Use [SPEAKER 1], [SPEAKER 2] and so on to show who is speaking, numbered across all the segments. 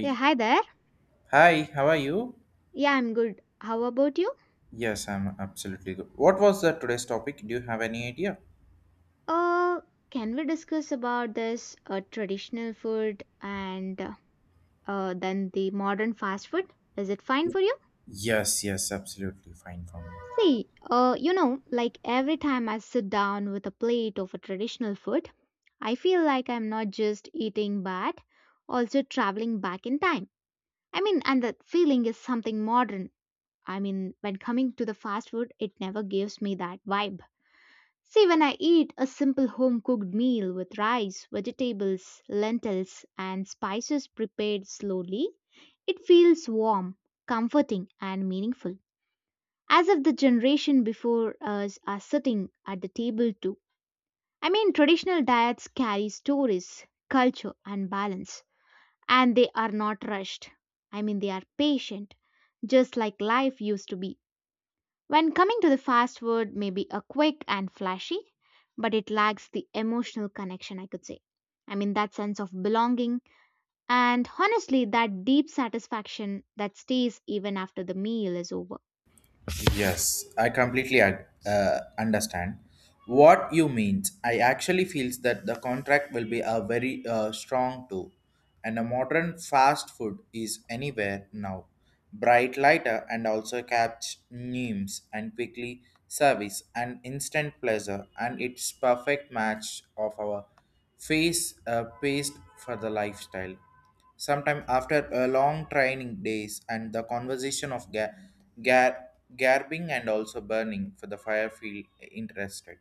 [SPEAKER 1] Yeah, hi there.
[SPEAKER 2] Hi, how are you?
[SPEAKER 1] Yeah, I'm good. How about you?
[SPEAKER 2] Yes, I'm absolutely good. What was the today's topic? Do you have any idea?
[SPEAKER 1] Uh, can we discuss about this traditional food and then the modern fast food? Is it fine for you?
[SPEAKER 2] Yes, yes, absolutely fine for me.
[SPEAKER 1] See, like every time I sit down with a plate of a traditional food, I feel like I'm not just eating but also traveling back in time. I mean, and that feeling is something modern. I mean, when coming to the fast food, it never gives me that vibe. See, when I eat a simple home cooked meal with rice, vegetables, lentils, and spices prepared slowly, it feels warm, comforting, and meaningful. As if the generation before us are sitting at the table too. I mean, traditional diets carry stories, culture, and balance, and they are not rushed. I mean, they are patient, just like life used to be. When coming to the fast food, may be a quick and flashy, but it lacks the emotional connection, I could say. I mean, that sense of belonging and honestly, that deep satisfaction that stays even after the meal is over.
[SPEAKER 2] Yes, I completely understand what you means. I actually feels that the contract will be a very strong too, and a modern fast food is anywhere now. Bright lighter and also catch names and quickly service and instant pleasure and its perfect match of our face paced for the lifestyle sometime after a long training days and the conversation of ga- garbing and also burning for the fire field interested,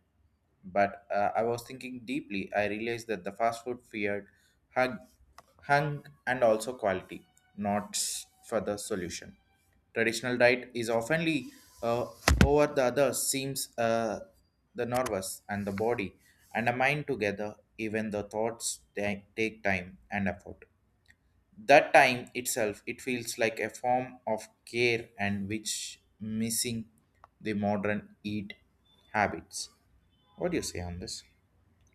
[SPEAKER 2] but I was thinking deeply. I realized that the fast food feared hung, hung and also quality not for the solution. Traditional diet is oftenly uh, over the other seems the nervous and the body and the mind together, even the thoughts take time and effort. That time itself, it feels like a form of care and which missing the modern eat habits. What do you say on this?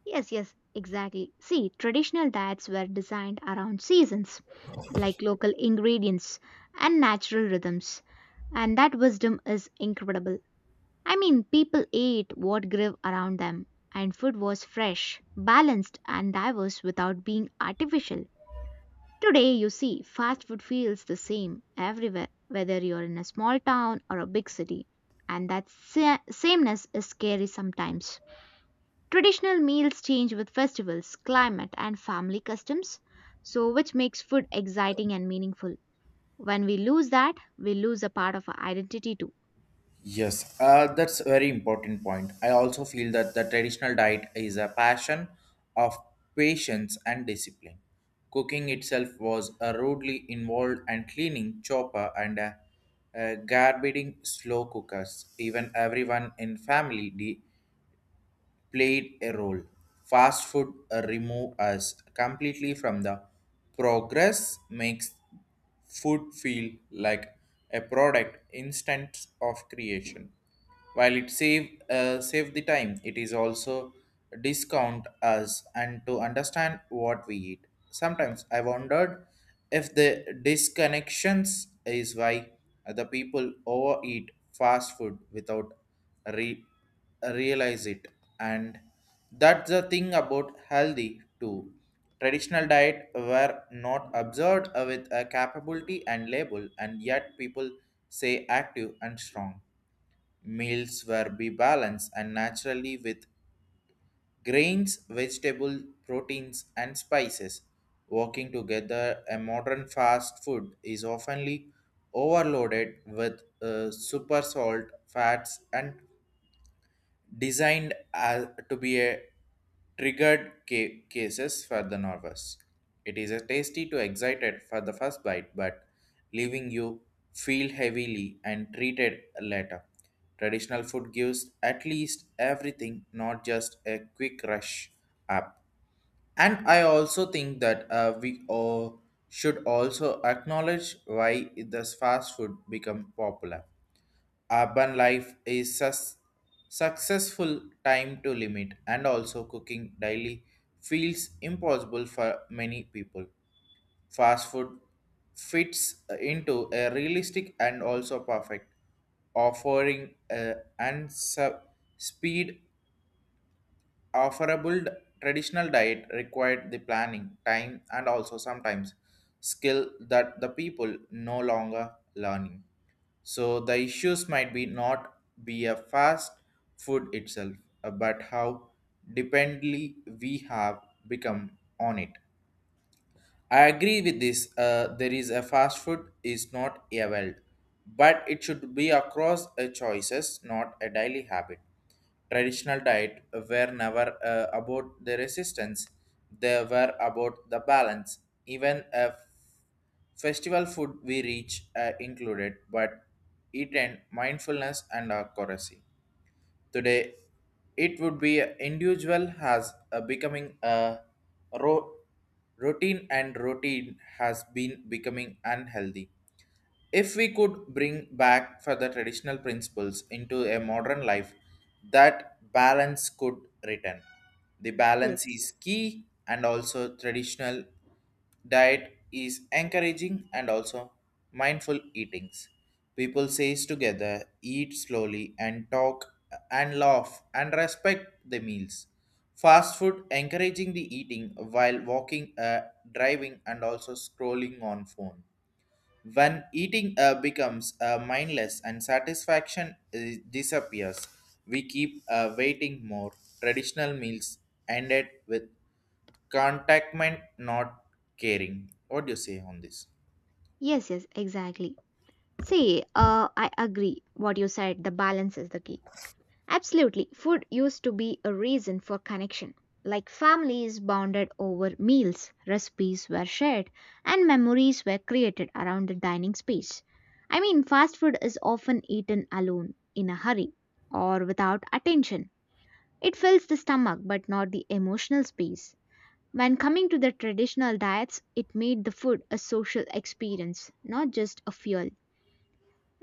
[SPEAKER 1] Yes, yes, exactly. See, traditional diets were designed around seasons, like local ingredients and natural rhythms, and that wisdom is incredible. I mean, people ate what grew around them, and food was fresh, balanced, and diverse without being artificial. Today, you see, fast food feels the same everywhere, whether you're in a small town or a big city. And that sameness is scary sometimes. Traditional meals change with festivals, climate, and family customs, so which makes food exciting and meaningful. When we lose that, we lose a part of our identity too.
[SPEAKER 2] Yes, that's a very important point. I also feel that the traditional diet is a passion of patience and discipline. Cooking itself was a rudely involved and cleaning chopper and a garbaging slow cookers. Even everyone in family played a role. Fast food remove us completely from the progress makes food feel like a product instant of creation. While it save the time, it is also discount us and to understand what we eat. Sometimes I wondered if the disconnections is why the people overeat fast food without re realize it. And that's the thing about healthy too. Traditional diet were not observed with a capability and label, and yet people say active and strong. Meals were be balanced and naturally with grains, vegetable, proteins, and spices working together. A modern fast food is oftenly overloaded with super salt fats and designed as, to be a triggered cases for the nervous. It is a tasty to excited for the first bite, but leaving you feel heavily and treated later. Traditional food gives at least everything, not just a quick rush up. And I also think that we all should also acknowledge why this fast food become popular. Urban life is successful time to limit and also cooking daily feels impossible for many people. Fast food fits into a realistic and also perfect offering and speed offerable. Traditional diet required the planning, time, and also sometimes skill that the people no longer learning. So the issues might be not be a fast food itself, but how dependently we have become on it. I agree with this. There is a fast food is not a wealth, but it should be across a choices, not a daily habit. Traditional diet were never about the resistance; they were about the balance. Even a festival food we reach included, but it and mindfulness and accuracy. Today, it would be an individual has becoming a ro- routine, and routine has been becoming unhealthy. If we could bring back further traditional principles into a modern life, that balance could return. The
[SPEAKER 1] Yes.
[SPEAKER 2] balance is key, and also traditional diet is encouraging and also mindful eatings. People says together, eat slowly and talk and laugh and respect the meals. Fast food encouraging the eating while walking, driving, and also scrolling on phone when eating becomes mindless and satisfaction disappears, we keep waiting more. Traditional meals ended with contentment, not caring. What do you say on this?
[SPEAKER 1] Yes, yes, exactly. See, I agree what you said, the balance is the key. Absolutely, food used to be a reason for connection. Like families bonded over meals, recipes were shared, and memories were created around the dining space. I mean, fast food is often eaten alone, in a hurry, or without attention. It fills the stomach but not the emotional space. When coming to the traditional diets, it made the food a social experience, not just a fuel.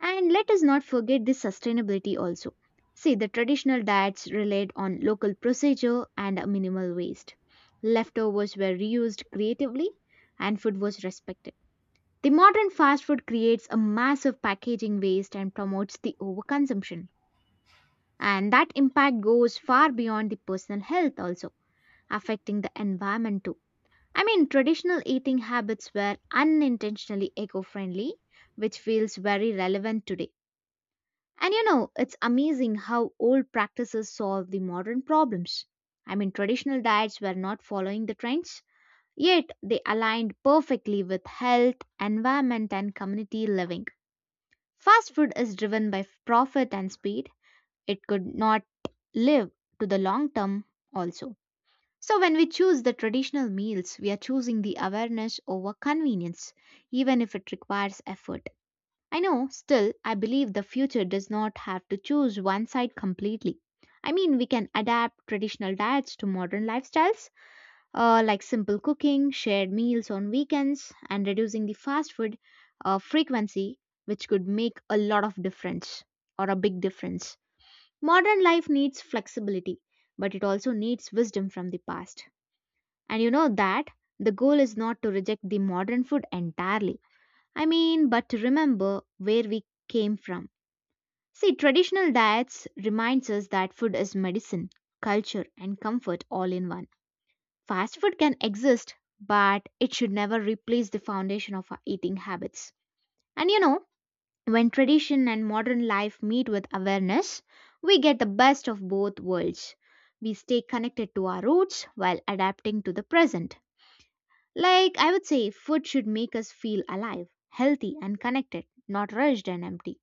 [SPEAKER 1] And let us not forget the sustainability also. See, the traditional diets relied on local procedure and a minimal waste. Leftovers were reused creatively and food was respected. The modern fast food creates a massive packaging waste and promotes the overconsumption. And that impact goes far beyond the personal health also, affecting the environment too. I mean, traditional eating habits were unintentionally eco friendly, which feels very relevant today. And you know, it's amazing how old practices solve the modern problems. I mean, traditional diets were not following the trends, yet they aligned perfectly with health, environment, and community living. Fast food is driven by profit and speed, it could not live to the long term also. So, when we choose the traditional meals, we are choosing the awareness over convenience, even if it requires effort. I know, still, I believe the future does not have to choose one side completely. I mean, we can adapt traditional diets to modern lifestyles, like simple cooking, shared meals on weekends, and reducing the fast food frequency, which could make a lot of difference or a big difference. Modern life needs flexibility, but it also needs wisdom from the past. And you know that the goal is not to reject the modern food entirely. I mean, but to remember where we came from. See, traditional diets reminds us that food is medicine, culture, and comfort all in one. Fast food can exist, but it should never replace the foundation of our eating habits. And you know, when tradition and modern life meet with awareness, we get the best of both worlds. We stay connected to our roots while adapting to the present. Like I would say, food should make us feel alive, healthy, and connected, not rushed and empty.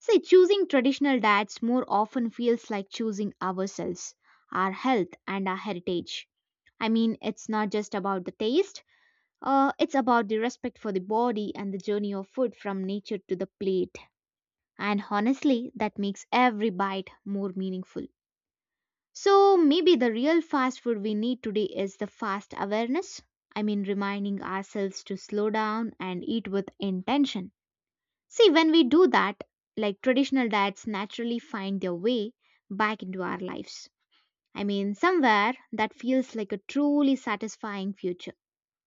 [SPEAKER 1] See, choosing traditional diets more often feels like choosing ourselves, our health, and our heritage. I mean, it's not just about the taste, it's about the respect for the body and the journey of food from nature to the plate. And honestly, that makes every bite more meaningful. So maybe the real fast food we need today is the fast awareness. I mean, reminding ourselves to slow down and eat with intention. See, when we do that, like traditional diets naturally find their way back into our lives. I mean, somewhere that feels like a truly satisfying future.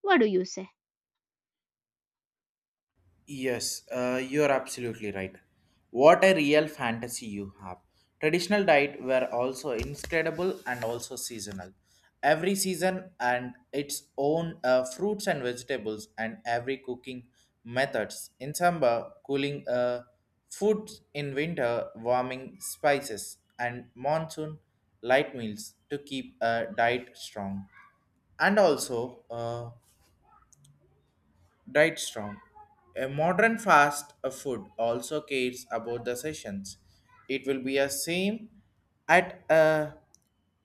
[SPEAKER 1] What do you say?
[SPEAKER 2] Yes, you're absolutely right. What a real fantasy you have. Traditional diet were also incredible and also seasonal. Every season and its own fruits and vegetables and every cooking methods. In summer, cooling foods in winter, warming spices and monsoon light meals to keep a diet strong and also diet strong. A modern fast food also cares about the sessions. It will be a same at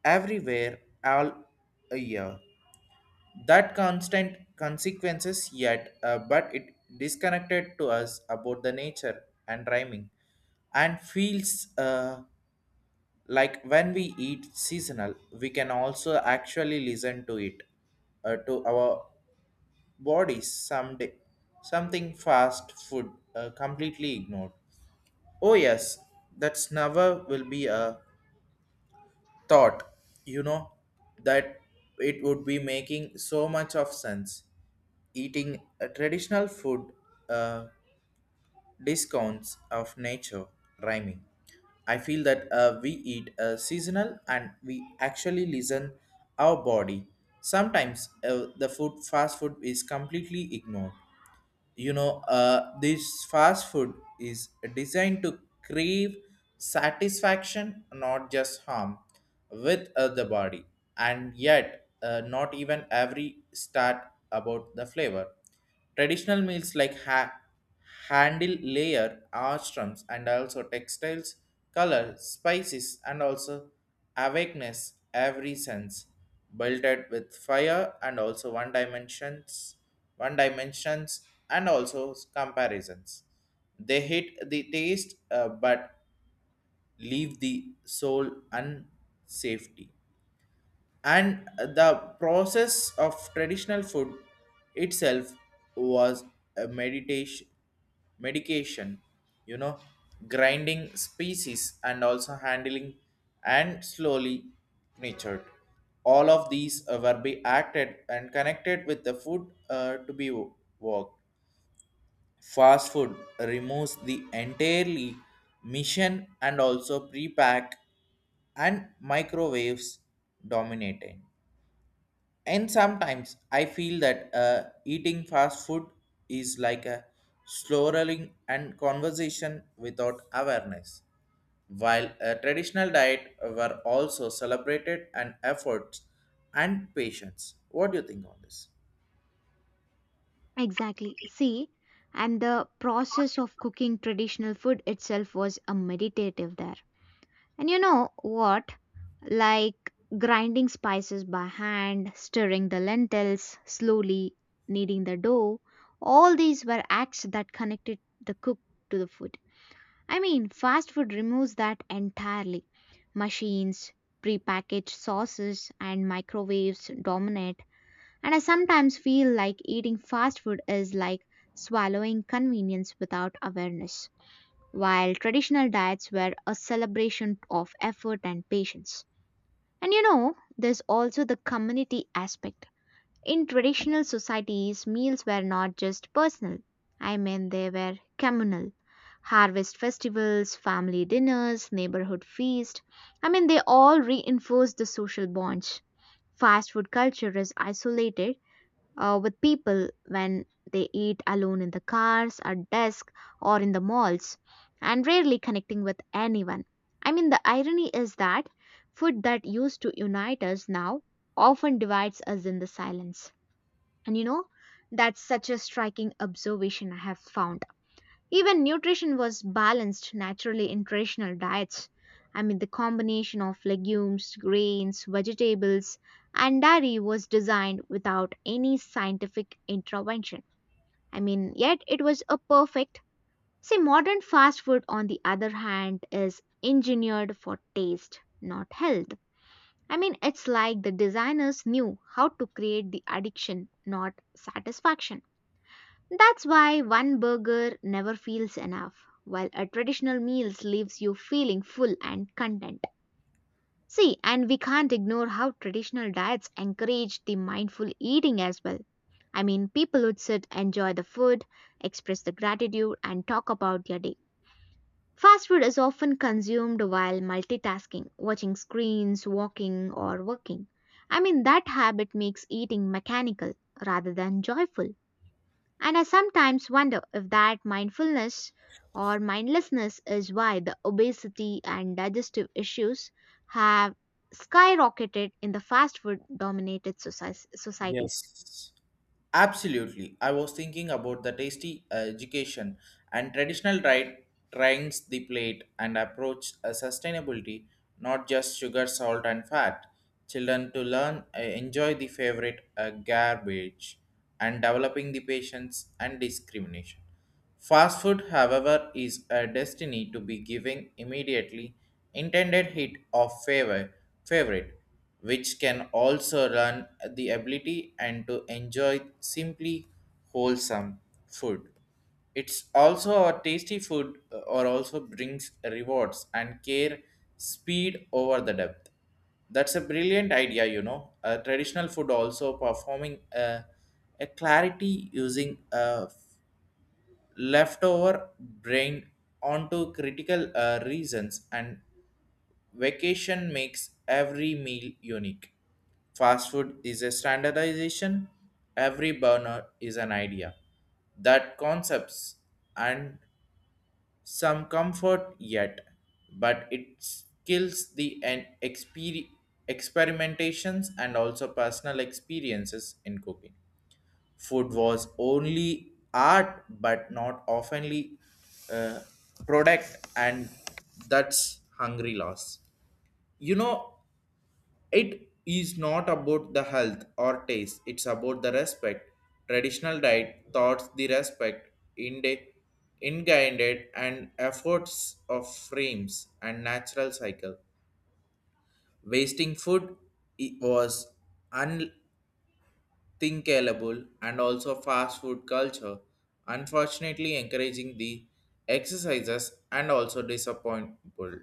[SPEAKER 2] everywhere all a year. That constant consequences yet, but it disconnected to us about the nature and rhyming, and feels like when we eat seasonal, we can also actually listen to it, to our bodies someday. Something fast food completely ignored. Oh yes, that's never will be a thought, you know, that it would be making so much of sense. Eating a traditional food uh, discounts of nature rhyming. I feel that we eat seasonal and we actually listen our body. Sometimes the food fast food is completely ignored. You know this fast food is designed to crave satisfaction, not just harm with the body. And yet not even every start about the flavor. Traditional meals like handle layer armstrums and also textiles, color spices and also awakeness, every sense belted with fire and also one dimensions and also comparisons, they hit the taste but leave the soul unsafety. And the process of traditional food itself was a meditation medication you know grinding species and also handling and slowly nurtured, all of these were be acted and connected with the food to be worked. Fast food removes the entirely mission and also pre-pack and microwaves dominating, and sometimes I feel that eating fast food is like a slurring and conversation without awareness. While a traditional diet were also celebrated and efforts and patience. What do you think on this?
[SPEAKER 1] Exactly. See, and the process of cooking traditional food itself was a meditative there. And you know what? Like grinding spices by hand, stirring the lentils slowly, kneading the dough, all these were acts that connected the cook to the food. I mean, fast food removes that entirely. Machines, prepackaged sauces, and microwaves dominate, and I sometimes feel like eating fast food is like swallowing convenience without awareness, while traditional diets were a celebration of effort and patience. And you know, there's also the community aspect. In traditional societies, meals were not just personal. I mean, they were communal. Harvest festivals, family dinners, neighborhood feasts. I mean, they all reinforced the social bonds. Fast food culture is isolated with people when they eat alone in the cars, at desk, or in the malls, and rarely connecting with anyone. I mean, the irony is that food that used to unite us now often divides us in the silence. And you know, that's such a striking observation I have found. Even nutrition was balanced naturally in traditional diets. I mean, the combination of legumes, grains, vegetables, and dairy was designed without any scientific intervention. I mean, yet it was a perfect. See, modern fast food, on the other hand, is engineered for taste, not health. I mean, it's like the designers knew how to create the addiction, not satisfaction. That's why one burger never feels enough, while a traditional meal leaves you feeling full and content. See, and we can't ignore how traditional diets encourage the mindful eating as well. I mean, people would sit, enjoy the food, express the gratitude, and talk about their day. Fast food is often consumed while multitasking, watching screens, walking, or working. I mean, that habit makes eating mechanical rather than joyful. And I sometimes wonder if that mindfulness or mindlessness is why the obesity and digestive issues have skyrocketed in the fast food dominated societies.
[SPEAKER 2] Yes. Absolutely. I was thinking about the tasty education and traditional right trends the plate and approach a sustainability, not just sugar, salt, and fat. Children to learn enjoy the favorite garbage and developing the patience and discrimination. Fast food, however, is a destiny to be giving immediately intended hit of favorite, which can also run the ability and to enjoy simply wholesome food. It's also a tasty food or also brings rewards and care speed over the depth. That's a brilliant idea. A traditional food also performing a clarity using a leftover brain onto critical reasons and vacation makes every meal unique. Fast food is a standardization, every burner is an idea that concepts and some comfort yet, but it kills the experimentations and also personal experiences in cooking. Food was only art, but not oftenly uh, product, and that's hungry loss. You know, it is not about the health or taste; it's about the respect. Traditional diet thoughts the respect in the ingrained and efforts of frames and natural cycle. Wasting food was un- thinkable, and also fast food culture, unfortunately encouraging the exercises and also disappointable.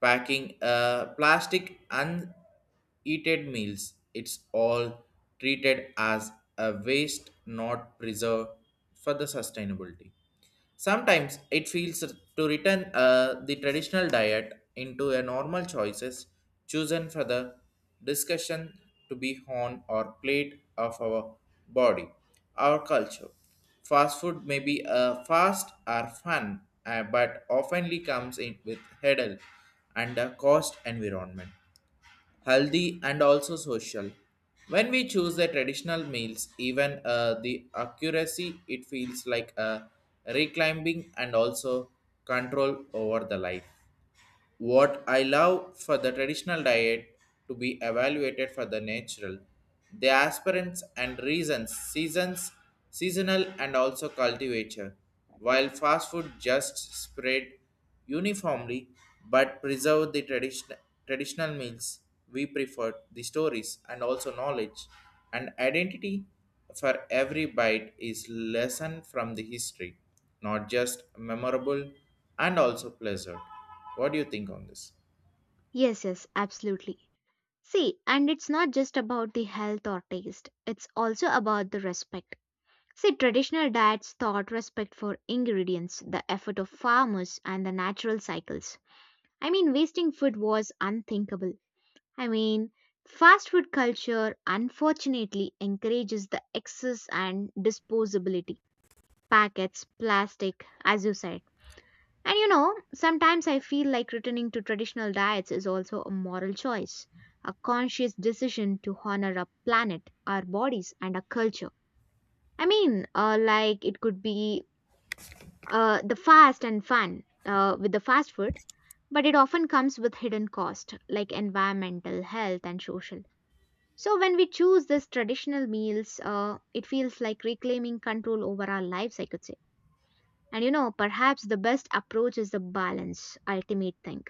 [SPEAKER 2] Packing plastic uneaten meals, it's all treated as a waste, not preserved for the sustainability. Sometimes it feels to return the traditional diet into a normal choices chosen for the discussion to be on or plate of our body, our culture. Fast food may be fast or fun, but oftenly comes in with hurdle and a cost environment healthy, and also social. When we choose the traditional meals, even the accuracy, it feels like a reclimbing and also control over the life. What I love for the traditional diet to be evaluated for the natural, the aspirants and reasons, seasons seasonal and also cultivator, while fast food just spread uniformly, but preserve the tradition. Traditional meals we prefer the stories and also knowledge and identity, for every bite is lesson from the history, not just memorable and also pleasant. What do you think on this?
[SPEAKER 1] Yes, yes, absolutely. See, and it's not just about the health or taste, it's also about the respect. See, traditional diets taught respect for ingredients, the effort of farmers, and the natural cycles. I mean, wasting food was unthinkable. I mean, fast food culture unfortunately encourages the excess and disposability. Packets, plastic, as you said. And you know, sometimes I feel like returning to traditional diets is also a moral choice, a conscious decision to honor our planet, our bodies, and our culture. I mean, like it could be the fast and fun with the fast food, but it often comes with hidden cost, like environmental, health, and social. So when we choose these traditional meals, it feels like reclaiming control over our lives, I could say. And you know, perhaps the best approach is the balance, ultimate thing.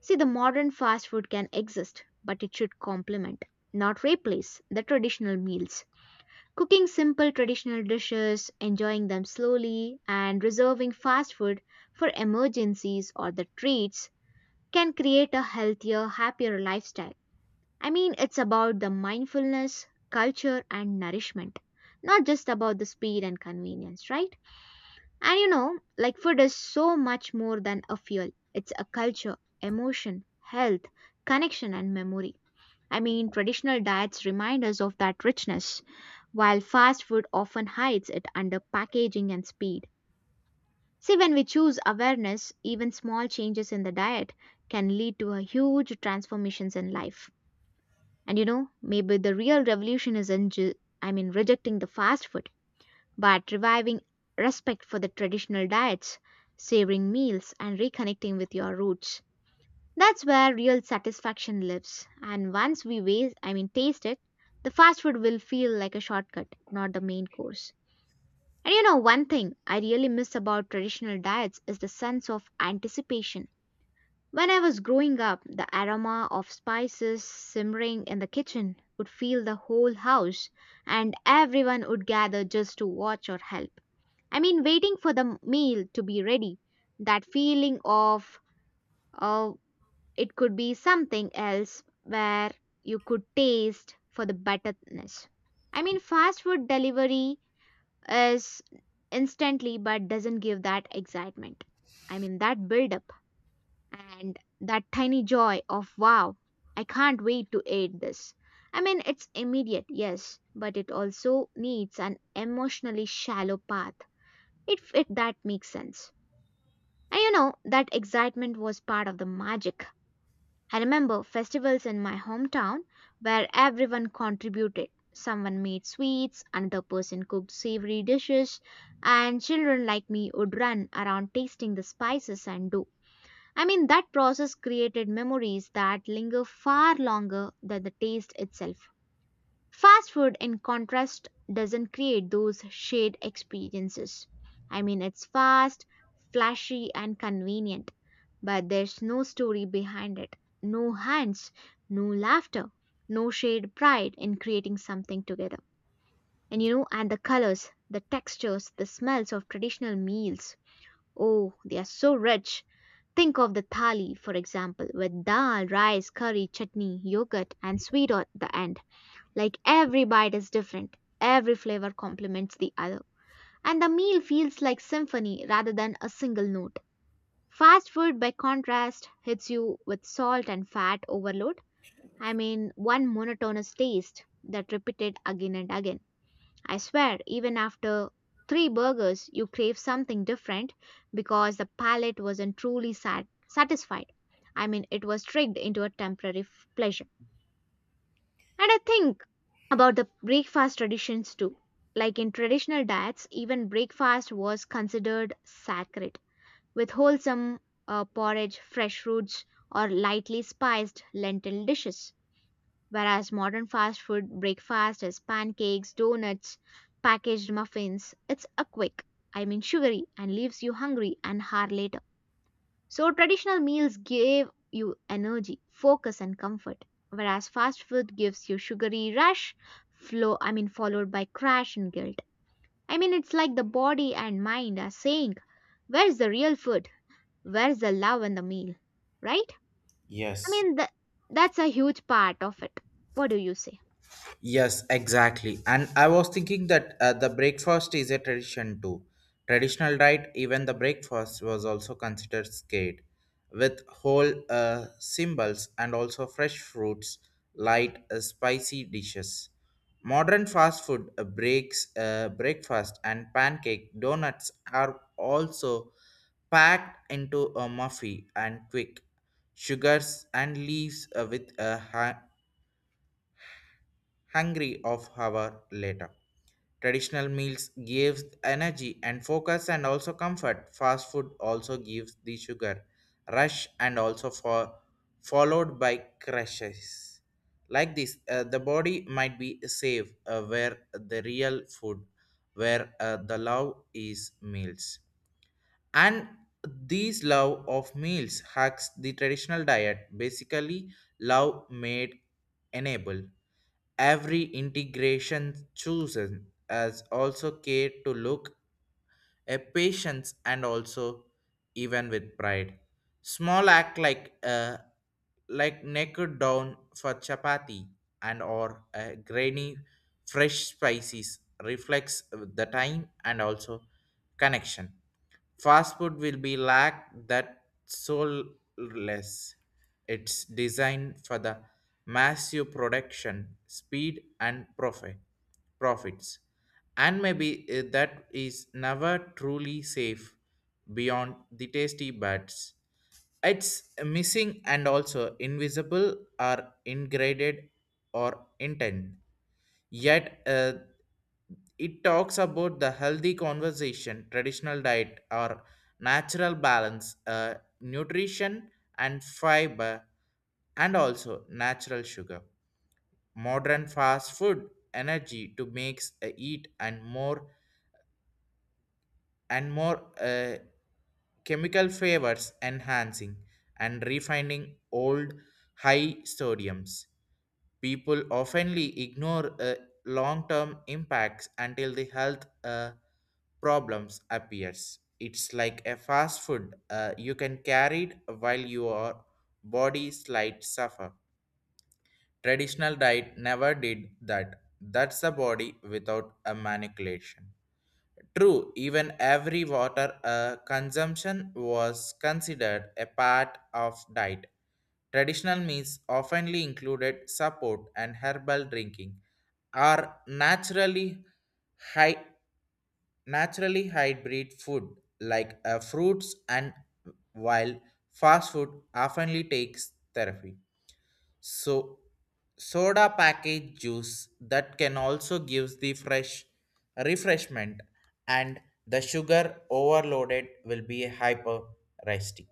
[SPEAKER 1] See, the modern fast food can exist, but it should complement, not replace, the traditional meals. Cooking simple traditional dishes, enjoying them slowly, and reserving fast food for emergencies or the treats can create a healthier, happier lifestyle. I mean, it's about the mindfulness, culture, and nourishment, not just about the speed and convenience, right? And you know, like food is so much more than a fuel, it's a culture, emotion, health, connection, and memory. I mean, traditional diets remind us of that richness, while fast food often hides it under packaging and speed. See, when we choose awareness, even small changes in the diet can lead to a huge transformations in life. And you know, maybe the real revolution isn't I mean rejecting the fast food, but reviving respect for the traditional diets, savoring meals and reconnecting with your roots. That's where real satisfaction lives. And once we waste, I mean taste it, the fast food will feel like a shortcut, not the main course. And you know, one thing I really miss about traditional diets is the sense of anticipation. When I was growing up, the aroma of spices simmering in the kitchen would fill the whole house, and everyone would gather just to watch or help. I mean, waiting for the meal to be ready, that feeling of, oh, it could be something else where you could taste for the betterness. I mean, fast food delivery is instantly but doesn't give that excitement. I mean, that build up and that tiny joy of wow, I can't wait to eat this. I mean, it's immediate, yes, but it also needs an emotionally shallow path, if it that makes sense. And you know, that excitement was part of the magic. I remember festivals in my hometown where everyone contributed. Someone made sweets, another person cooked savory dishes, and children like me would run around tasting the spices and dough. I mean, that process created memories that linger far longer than the taste itself. Fast food, in contrast, doesn't create those shared experiences. I mean, it's fast, flashy, and convenient, but there's no story behind it, no hands, no laughter, no shared pride in creating something together. And you know, and the colors, the textures, the smells of traditional meals. Oh, they are so rich. Think of the thali, for example, with dal, rice, curry, chutney, yogurt, and sweet at the end. Like every bite is different, every flavor complements the other, and the meal feels like symphony rather than a single note. Fast food, by contrast, hits you with salt and fat overload. I mean, one monotonous taste that repeated again and again. I swear, even after three burgers, you crave something different because the palate wasn't truly satisfied. I mean, it was tricked into a temporary pleasure. And I think about the breakfast traditions too. Like in traditional diets, even breakfast was considered sacred, with wholesome porridge, fresh fruits, or lightly spiced lentil dishes. Whereas modern fast food breakfast is pancakes, donuts, packaged muffins. It's a quick, I mean sugary, and leaves you hungry an hour later. So traditional meals give you energy, focus, and comfort. Whereas fast food gives you sugary rush, flow, I mean followed by crash and guilt. I mean, it's like the body and mind are saying, where's the real food? Where's the love in the meal? Right? I
[SPEAKER 2] Yes,
[SPEAKER 1] mean that's a huge part of it. What do you say?
[SPEAKER 2] yes, exactly. And I was thinking that the breakfast is a tradition too. Traditional diet, even the breakfast was also considered scared, with whole symbols and also fresh fruits, light, spicy dishes. Modern fast food breaks breakfast and pancake donuts are also packed into a muffin and quick sugars and leaves with a hungry of hour later. Traditional meals gives energy and focus and also comfort. Fast food also gives the sugar rush and also for followed by crashes. Like this, the body might be safe where the real food, where the love is meals. And these love of meals hacks the traditional diet. Basically, love made enable every integration chosen as also care to look a patience and also even with pride. Small act like like naked down for chapati and or a grainy fresh spices reflects the time and also connection. Fast food will be lack that soulless. It's designed for the massive production, speed, and profits. And maybe that is never truly safe beyond the tasty buds. It's missing and also invisible or ingraded or intent. Yet it talks about the healthy conversation, traditional diet or natural balance, nutrition and fiber, and also natural sugar. Modern fast food energy to makes eat and more chemical flavors enhancing and refining old high sodiums. People oftenly ignore long-term impacts until the health problems appears. It's like a fast food. You can carry it while your body slight suffer. Traditional diet never did that. That's the body without a manipulation. True, even every water consumption was considered a part of diet. Traditional meals oftenly included support and herbal drinking are naturally high, naturally hybrid food like fruits and wild. Fast food oftenly takes therapy, so soda package juice that can also gives the fresh refreshment, and the sugar overloaded will be hyperestic.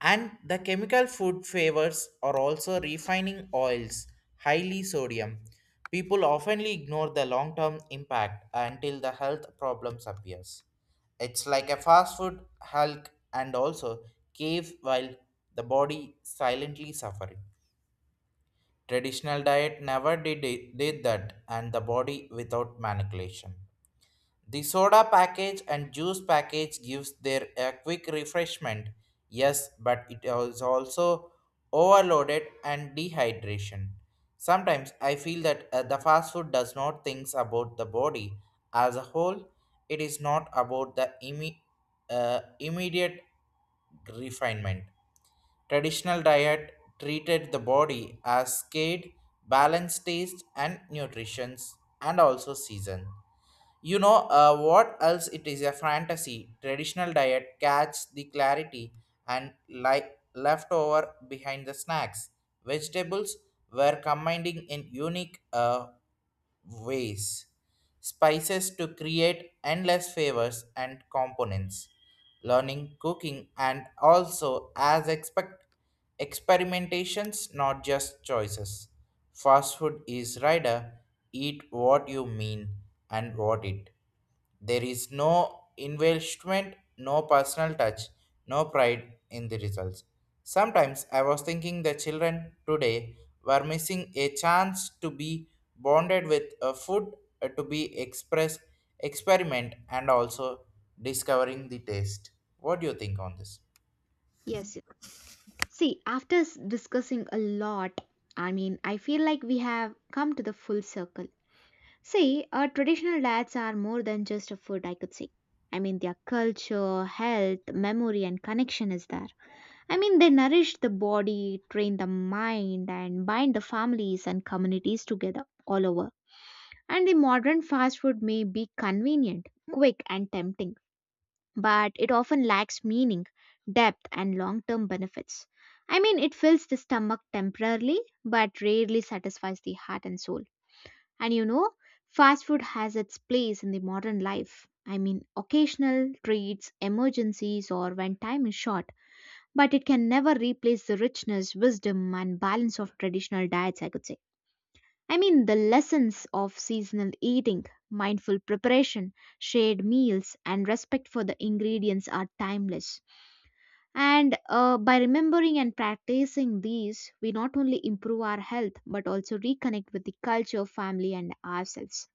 [SPEAKER 2] And the chemical food flavors are also refining oils, highly sodium. People oftenly ignore the long-term impact until the health problems appears. It's like a fast food hulk and also cave while the body silently suffering. Traditional diet never did that and the body without manipulation. The soda package and juice package gives their a quick refreshment, yes, but it is also overloaded and dehydration. Sometimes I feel that the fast food does not think about the body as a whole. It is not about the immediate refinement. Traditional diet treated the body as scale, balanced taste and nutrition, and also season. You know what else it is a fantasy. Traditional diet catch the clarity and leftover behind the snacks. Vegetables were combining in unique ways, spices to create endless flavors and components, learning cooking and also as expect experimentations not just choices. Fast food is rider eat what you mean and what it, there is no investment, no personal touch, no pride in the results. Sometimes I was thinking the children today were missing a chance to be bonded with a food, to be express, experiment, and also discovering the taste. What do you think on this?
[SPEAKER 1] Yes. See, after discussing a lot, I mean, I feel like we have come to the full circle. See, our traditional diets are more than just a food, I could say. I mean, their culture, health, memory, and connection is there. I mean, they nourish the body, train the mind, and bind the families and communities together all over. And the modern fast food may be convenient, quick, and tempting, but it often lacks meaning, depth, and long term benefits. I mean, it fills the stomach temporarily, but rarely satisfies the heart and soul. And you know, fast food has its place in the modern life. I mean, occasional treats, emergencies, or when time is short, but it can never replace the richness, wisdom, and balance of traditional diets, I could say. I mean, the lessons of seasonal eating, mindful preparation, shared meals, and respect for the ingredients are timeless. And by remembering and practicing these, we not only improve our health but also reconnect with the culture, family, and ourselves.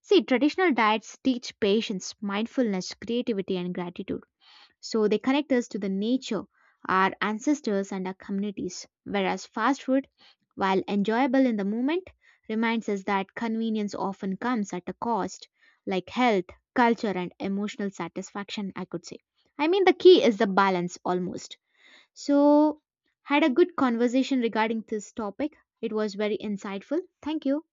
[SPEAKER 1] See, traditional diets teach patience, mindfulness, creativity, and gratitude. So they connect us to the nature, our ancestors, and our communities. Whereas fast food, while enjoyable in the moment, reminds us that convenience often comes at a cost, like health, culture, and emotional satisfaction, I could say. I mean, the key is the balance almost so, had a good conversation regarding this topic. It was very insightful. Thank you.